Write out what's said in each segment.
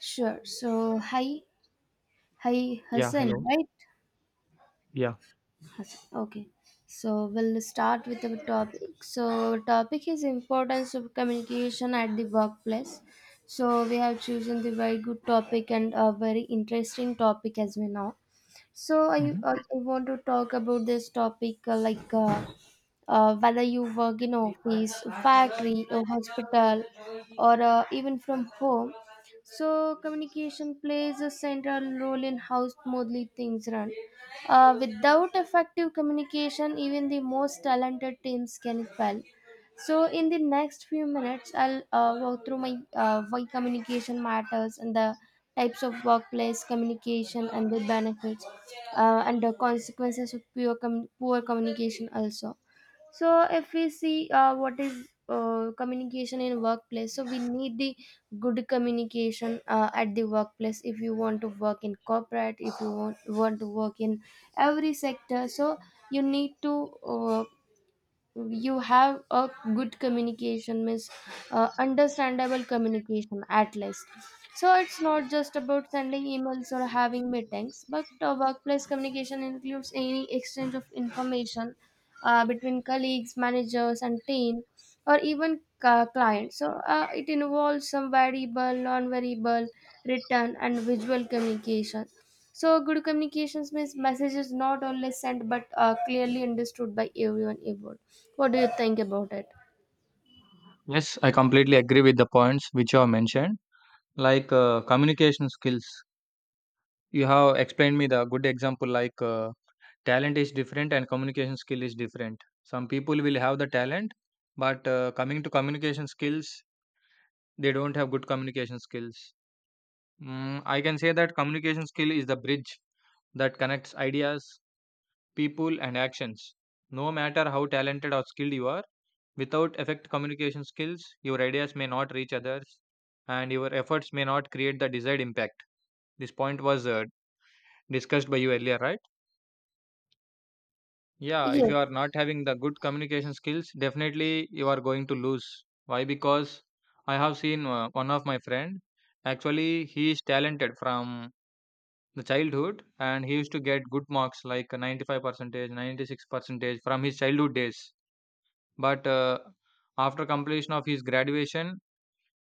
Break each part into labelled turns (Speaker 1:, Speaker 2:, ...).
Speaker 1: Sure. So, hi,
Speaker 2: Yeah,
Speaker 1: Hassan,
Speaker 2: hello.
Speaker 1: right?
Speaker 2: Yeah.
Speaker 1: Okay, so we'll start with the topic. So topic is importance of communication at the workplace. So we have chosen the very good topic and a very interesting topic as we know. So I,
Speaker 2: Mhm.
Speaker 1: I I want to talk about this topic whether you work in office, factory, or hospital, or even from home. So communication plays a central role in how smoothly things run. Without effective communication, even the most talented teams can fail. So, in the next few minutes, I'll walk through my why communication matters, and the types of workplace communication, and the benefits and the consequences of poor communication also. So if we see what is communication in workplace, so we need the good communication at the workplace. If you want to work in corporate, if you want to work in every sector, so you need to you have a good communication, means understandable communication at least. So it's not just about sending emails or having meetings, but workplace communication includes any exchange of information between colleagues, managers, and team, or even clients. So it involves some variable, non-variable, written and visual communication. So good communications means message is not only sent but clearly understood by everyone involved. What do you think about it?
Speaker 2: Yes, I completely agree with the points which you have mentioned, like communication skills. You have explained me the good example, like talent is different and communication skill is different. Some people will have the talent, but coming to communication skills, they don't have good communication skills. I can say that communication skill is the bridge that connects ideas, people, and actions. No matter how talented or skilled you are, without effective communication skills, your ideas may not reach others, and your efforts may not create the desired impact. This point was discussed by you earlier, right? Yeah, if
Speaker 1: Yes,
Speaker 2: you are not having the good communication skills, definitely you are going to lose. Why? Because I have seen one of my friend. Actually, he is talented from the childhood, and he used to get good marks like 95 percentage, 96 percentage from his childhood days. But after completion of his graduation,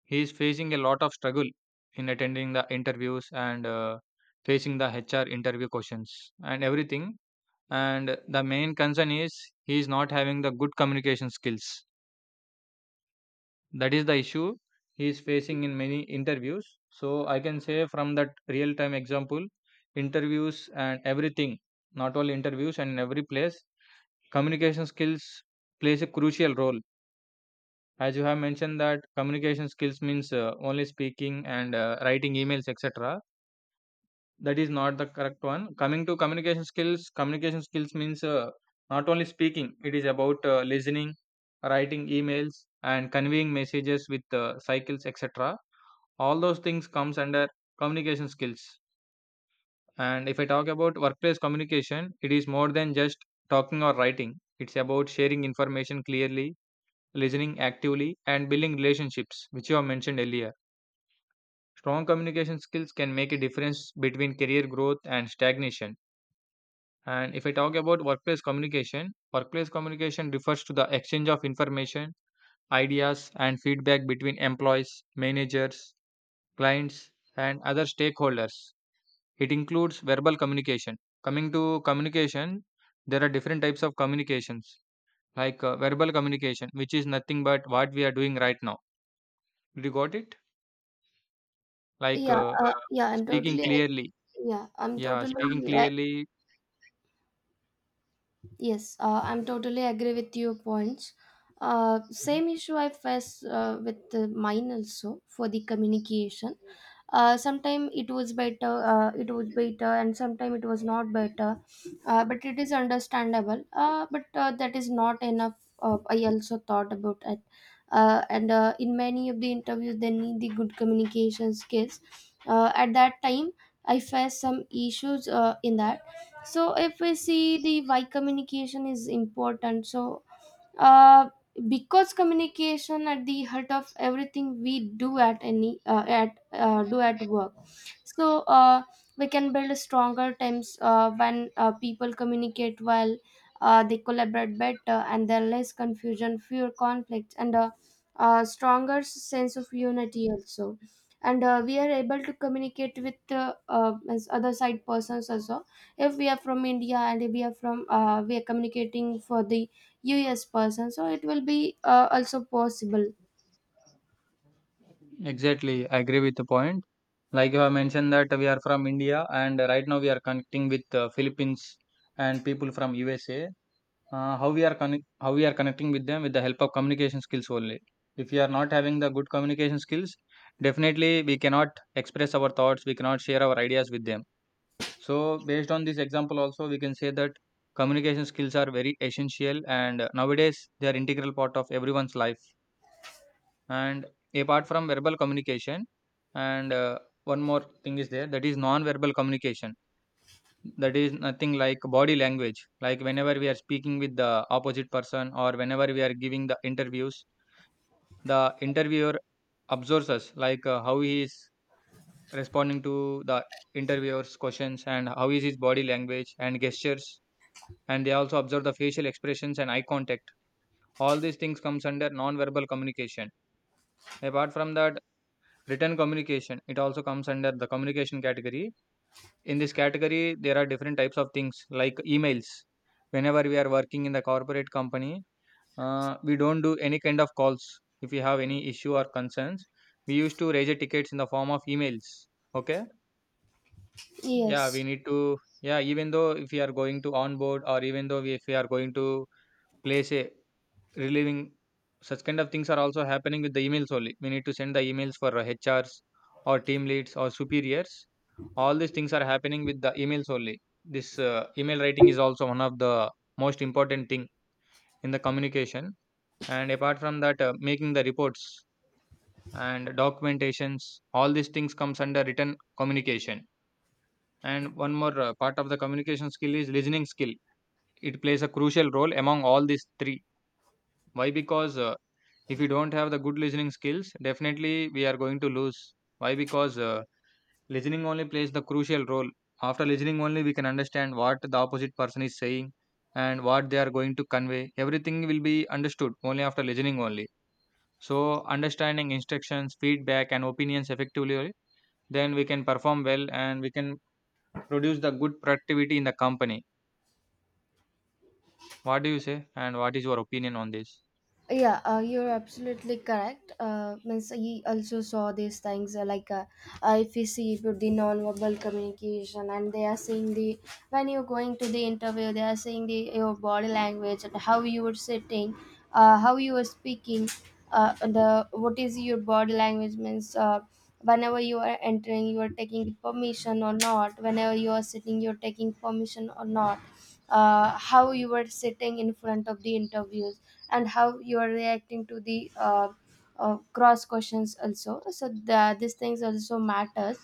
Speaker 2: he is facing a lot of struggle in attending the interviews and facing the HR interview questions and everything. And the main concern is he is not having the good communication skills. That is the issue he is facing in many interviews. So I can say from that real time example, interviews and everything, not only interviews and in every place, communication skills plays a crucial role. As you have mentioned that communication skills means only speaking and writing emails, etc. That is not the correct one. Coming to communication skills means not only speaking, it is about listening, writing emails, and conveying messages with cycles, etc. All those things comes under communication skills. And if I talk about workplace communication, it is more than just talking or writing. It's about sharing information clearly, listening actively, and building relationships, which you have mentioned earlier. Strong communication skills can make a difference between career growth and stagnation. And if I talk about workplace communication refers to the exchange of information, ideas, and feedback between employees, managers, clients, and other stakeholders. It includes verbal communication. Coming to communication, there are different types of communications, like verbal communication, which is nothing but what we are doing right now. Did you got it? Like
Speaker 1: yeah, yeah. I'm
Speaker 2: speaking
Speaker 1: totally,
Speaker 2: clearly.
Speaker 1: yeah, I'm
Speaker 2: Yeah,
Speaker 1: totally
Speaker 2: speaking clearly.
Speaker 1: Yes, I'm totally agree with your points. Same issue I face with mine also for the communication. Uh, sometime it was better, and sometime it was not better. But it is understandable. But that is not enough. I also thought about it. And In many of the interviews, they need the good communication skills. At that time, I faced some issues in that. So if we see the why communication is important, so uh, because communication at the heart of everything we do at any at do at work. So we can build stronger teams when people communicate well, they collaborate better, and there are less confusion, fewer conflicts, and a stronger sense of unity also. And we are able to communicate with as other side persons also. If we are from india, and we are from we are communicating for the US person, so it will be also possible.
Speaker 2: Exactly, I agree with the point. Like you have mentioned that we are from India, and right now we are connecting with Philippines and people from USA. How we are connecting with them with the help of communication skills only. If we are not having the good communication skills, definitely we cannot express our thoughts. We cannot share our ideas with them. So based on this example, also we can say that communication skills are very essential, and nowadays they are integral part of everyone's life. And apart from verbal communication, and one more thing is there, that is non verbal communication. That is nothing like body language. Like whenever we are speaking with the opposite person or whenever we are giving the interviews, the interviewer observes us, like how he is responding to the interviewer's questions and how is his body language and gestures. And they also observe the facial expressions and eye contact. All these things comes under non verbal communication. Apart from that, written communication, it also comes under the communication category. In this category, there are different types of things like emails. Whenever we are working in the corporate company, we don't do any kind of calls. If we have any issue or concerns, we used to raise a tickets in the form of emails. Okay. Yeah, we
Speaker 1: Yes.
Speaker 2: need to. Yeah, even though if we are going to onboard, or even though we, if we are going to place a relieving, such kind of things are also happening with the emails only. We need to send the emails for HRs or team leads or superiors. All these things are happening with the emails only. This email writing is also one of the most important thing in the communication. And apart from that, making the reports and documentations, all these things comes under written communication. And one more part of the communication skill is listening skill. It plays a crucial role among all these three. Why? Because if we don't have the good listening skills, definitely we are going to lose. Why? Because listening only plays the crucial role. After listening only we can understand what the opposite person is saying, and what they are going to convey. Everything will be understood only after listening only. So understanding instructions, feedback, and opinions effectively, then we can perform well, and we can produce the good productivity in the company. What do you say, and what is your opinion on this?
Speaker 1: Yeah, you're absolutely correct. Means he also saw these things if you see about the non-verbal communication, and they are seeing the when you're going to the interview, they are seeing the your body language, and how you were sitting, how you were speaking, the what is your body language means. Whenever you are entering, you are taking permission or not. Whenever you are sitting, you are taking permission or not, how you were sitting in front of the interviews, and how you are reacting to the cross questions also. So these things also matters.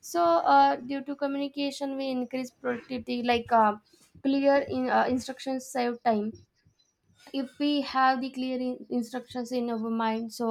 Speaker 1: So due to communication we increase productivity, like clear instructions save time. If we have the clear instructions in our mind, so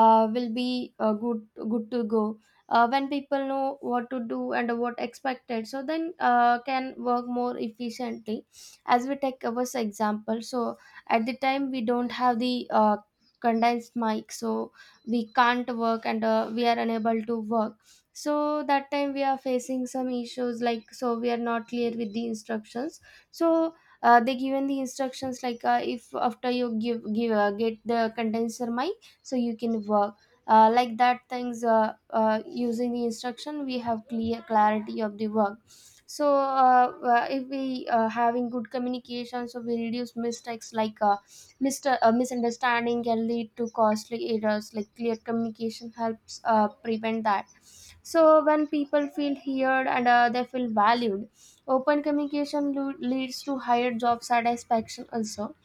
Speaker 1: will be good to go. When people know what to do and what expected, so then can work more efficiently. As we take our example, so at the time we don't have the condensed mic, so we can't work, and we are unable to work. So that time we are facing some issues, like so we are not clear with the instructions. So they given the instructions, like if after you give give get the condenser mic, so you can work. Like that things, using the instruction we have clear clarity of the work. So if we having good communication, so we reduce mistakes, like Mr. Misunderstanding can lead to costly errors. Like clear communication helps prevent that. So when people feel heard, and they feel valued. Open communication leads to higher job satisfaction also.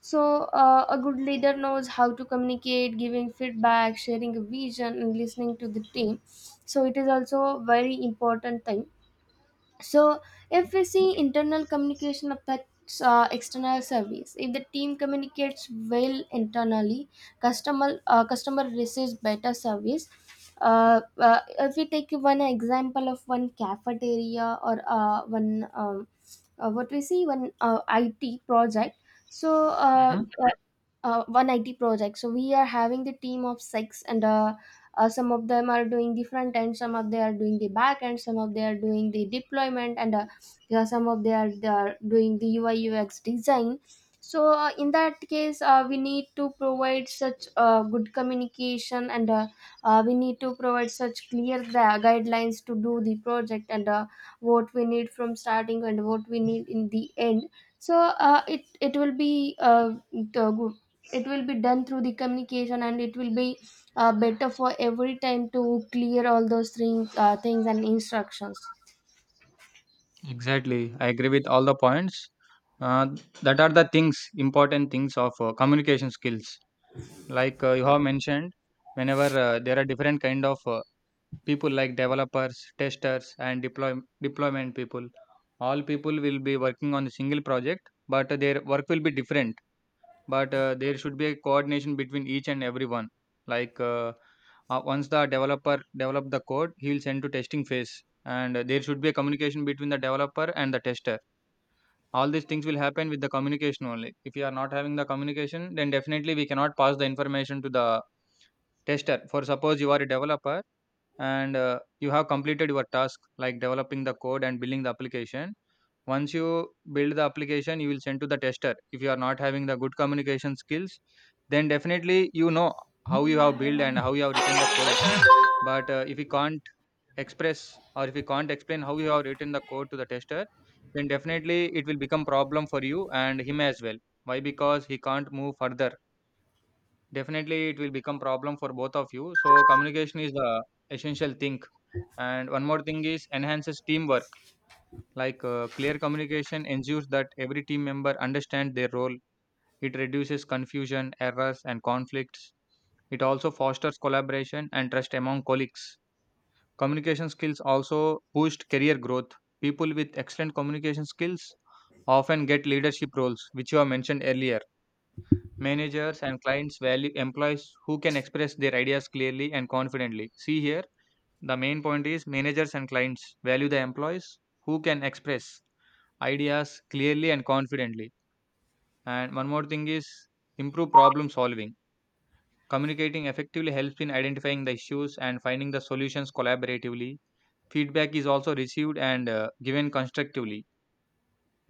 Speaker 1: So, a good leader knows how to communicate, giving feedback, sharing a vision, and listening to the team. So, it is also a very important thing. So if we see, internal communication affects external service. If the team communicates well internally, customer receives better service. If we take one example of one cafeteria, or one what we see, one IT project. So
Speaker 2: Mhm.
Speaker 1: 190 project. So we are having the team of six, and some of them are doing the front end, some of they are doing the back end, some of they are doing the deployment, and yeah, some of they are doing the ui ux design. So in that case we need to provide such good communication, and we need to provide such clear guidelines to do the project, and what we need from starting and what we need in the end. So it will be the it will be done through the communication, and it will be better for every time to clear all those things and instructions.
Speaker 2: Exactly. I agree with all the points. Uh, that are the things, important things of communication skills. Like you have mentioned, whenever there are different kind of people like developers, testers, and deployment people. All people will be working on a single project, but their work will be different. But there should be a coordination between each and everyone. Like once the developer develop the code, he will send to testing phase, and there should be a communication between the developer and the tester. All these things will happen with the communication only. If you are not having the communication, then definitely we cannot pass the information to the tester. For suppose you are a developer, and you have completed your task like developing the code and building the application. Once you build the application, you will send to the tester. If you are not having the good communication skills, then definitely you know how you have built and how you have written the code. But if you can't express, or if you can't explain how you have written the code to the tester, then definitely it will become problem for you and him as well. Why? Because he can't move further. Definitely it will become problem for both of you. So communication is the essential thing. And one more thing is, enhances teamwork. Like clear communication ensures that every team member understand their role. It reduces confusion, errors, and conflicts. It also fosters collaboration and trust among colleagues. Communication skills also boost career growth. People with excellent communication skills often get leadership roles, which you have mentioned earlier. Managers and clients value employees who can express their ideas clearly and confidently. See here, the main point is managers and clients value the employees who can express ideas clearly and confidently. And one more thing is improve problem solving. Communicating effectively helps in identifying the issues and finding the solutions collaboratively. Feedback is also received and given constructively.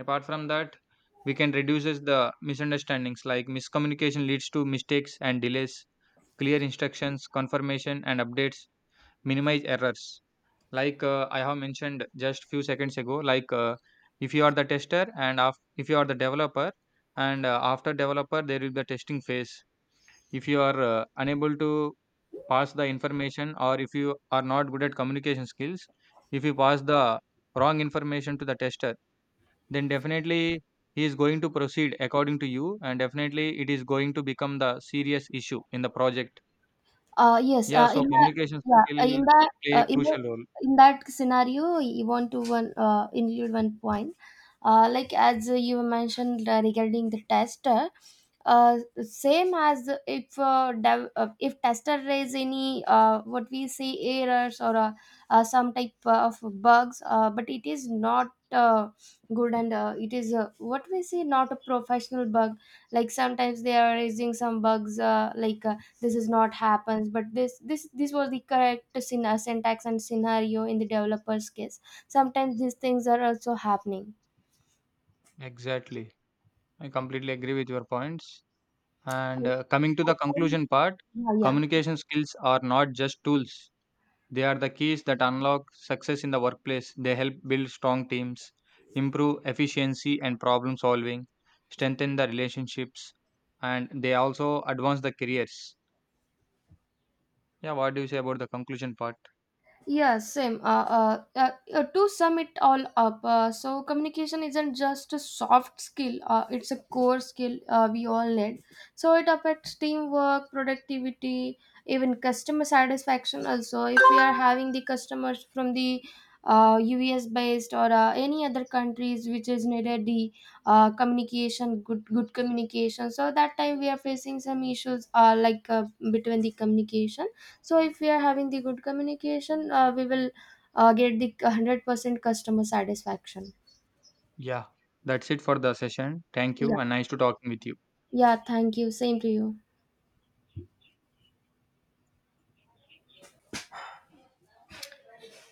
Speaker 2: Apart from that, we can reduces the misunderstandings, like miscommunication leads to mistakes and delays. Clear instructions, confirmation, and updates minimize errors. Like I have mentioned just few seconds ago, like if you are the tester and if you are the developer, and after developer there will be a testing phase. If you are unable to pass the information, or if you are not good at communication skills, if you pass the wrong information to the tester, then definitely he is going to proceed according to you, and definitely it is going to become the serious issue in the project.
Speaker 1: Uh, yes
Speaker 2: Yeah, so
Speaker 1: in that
Speaker 2: communication
Speaker 1: yeah
Speaker 2: skill
Speaker 1: in that
Speaker 2: play a
Speaker 1: in, the,
Speaker 2: crucial role.
Speaker 1: In that scenario, you want to one include one point, like as you mentioned regarding the test. Same as if if tester raise any what we say errors, or some type of bugs. But it is not good, and it is what we say, not a professional bug. Like sometimes they are raising some bugs, this is not happens, but this was the correct syntax and scenario in the developer's case. Sometimes these things are also happening.
Speaker 2: Exactly, I completely agree with your points. And
Speaker 1: I,
Speaker 2: coming to
Speaker 1: I
Speaker 2: the conclusion part,
Speaker 1: yeah yeah.
Speaker 2: communication skills are not just tools. They are the keys that unlock success in the workplace. They help build strong teams, improve efficiency and problem solving, strengthen the relationships, and they also advance the careers. Yeah, what do you say about the conclusion part?
Speaker 1: Yeah, same. To sum it all up, so communication isn't just a soft skill, it's a core skill we all need. So it affects teamwork, productivity, even customer satisfaction also. If we are having the customers from the US based, or any other countries which is needed the communication, good communication, so that time we are facing some issues between the communication. So if we are having the good communication, we will get the 100% customer satisfaction.
Speaker 2: Yeah. That's it for the session. Thank you
Speaker 1: Yeah
Speaker 2: and nice to talking with you.
Speaker 1: yeah thank you same to you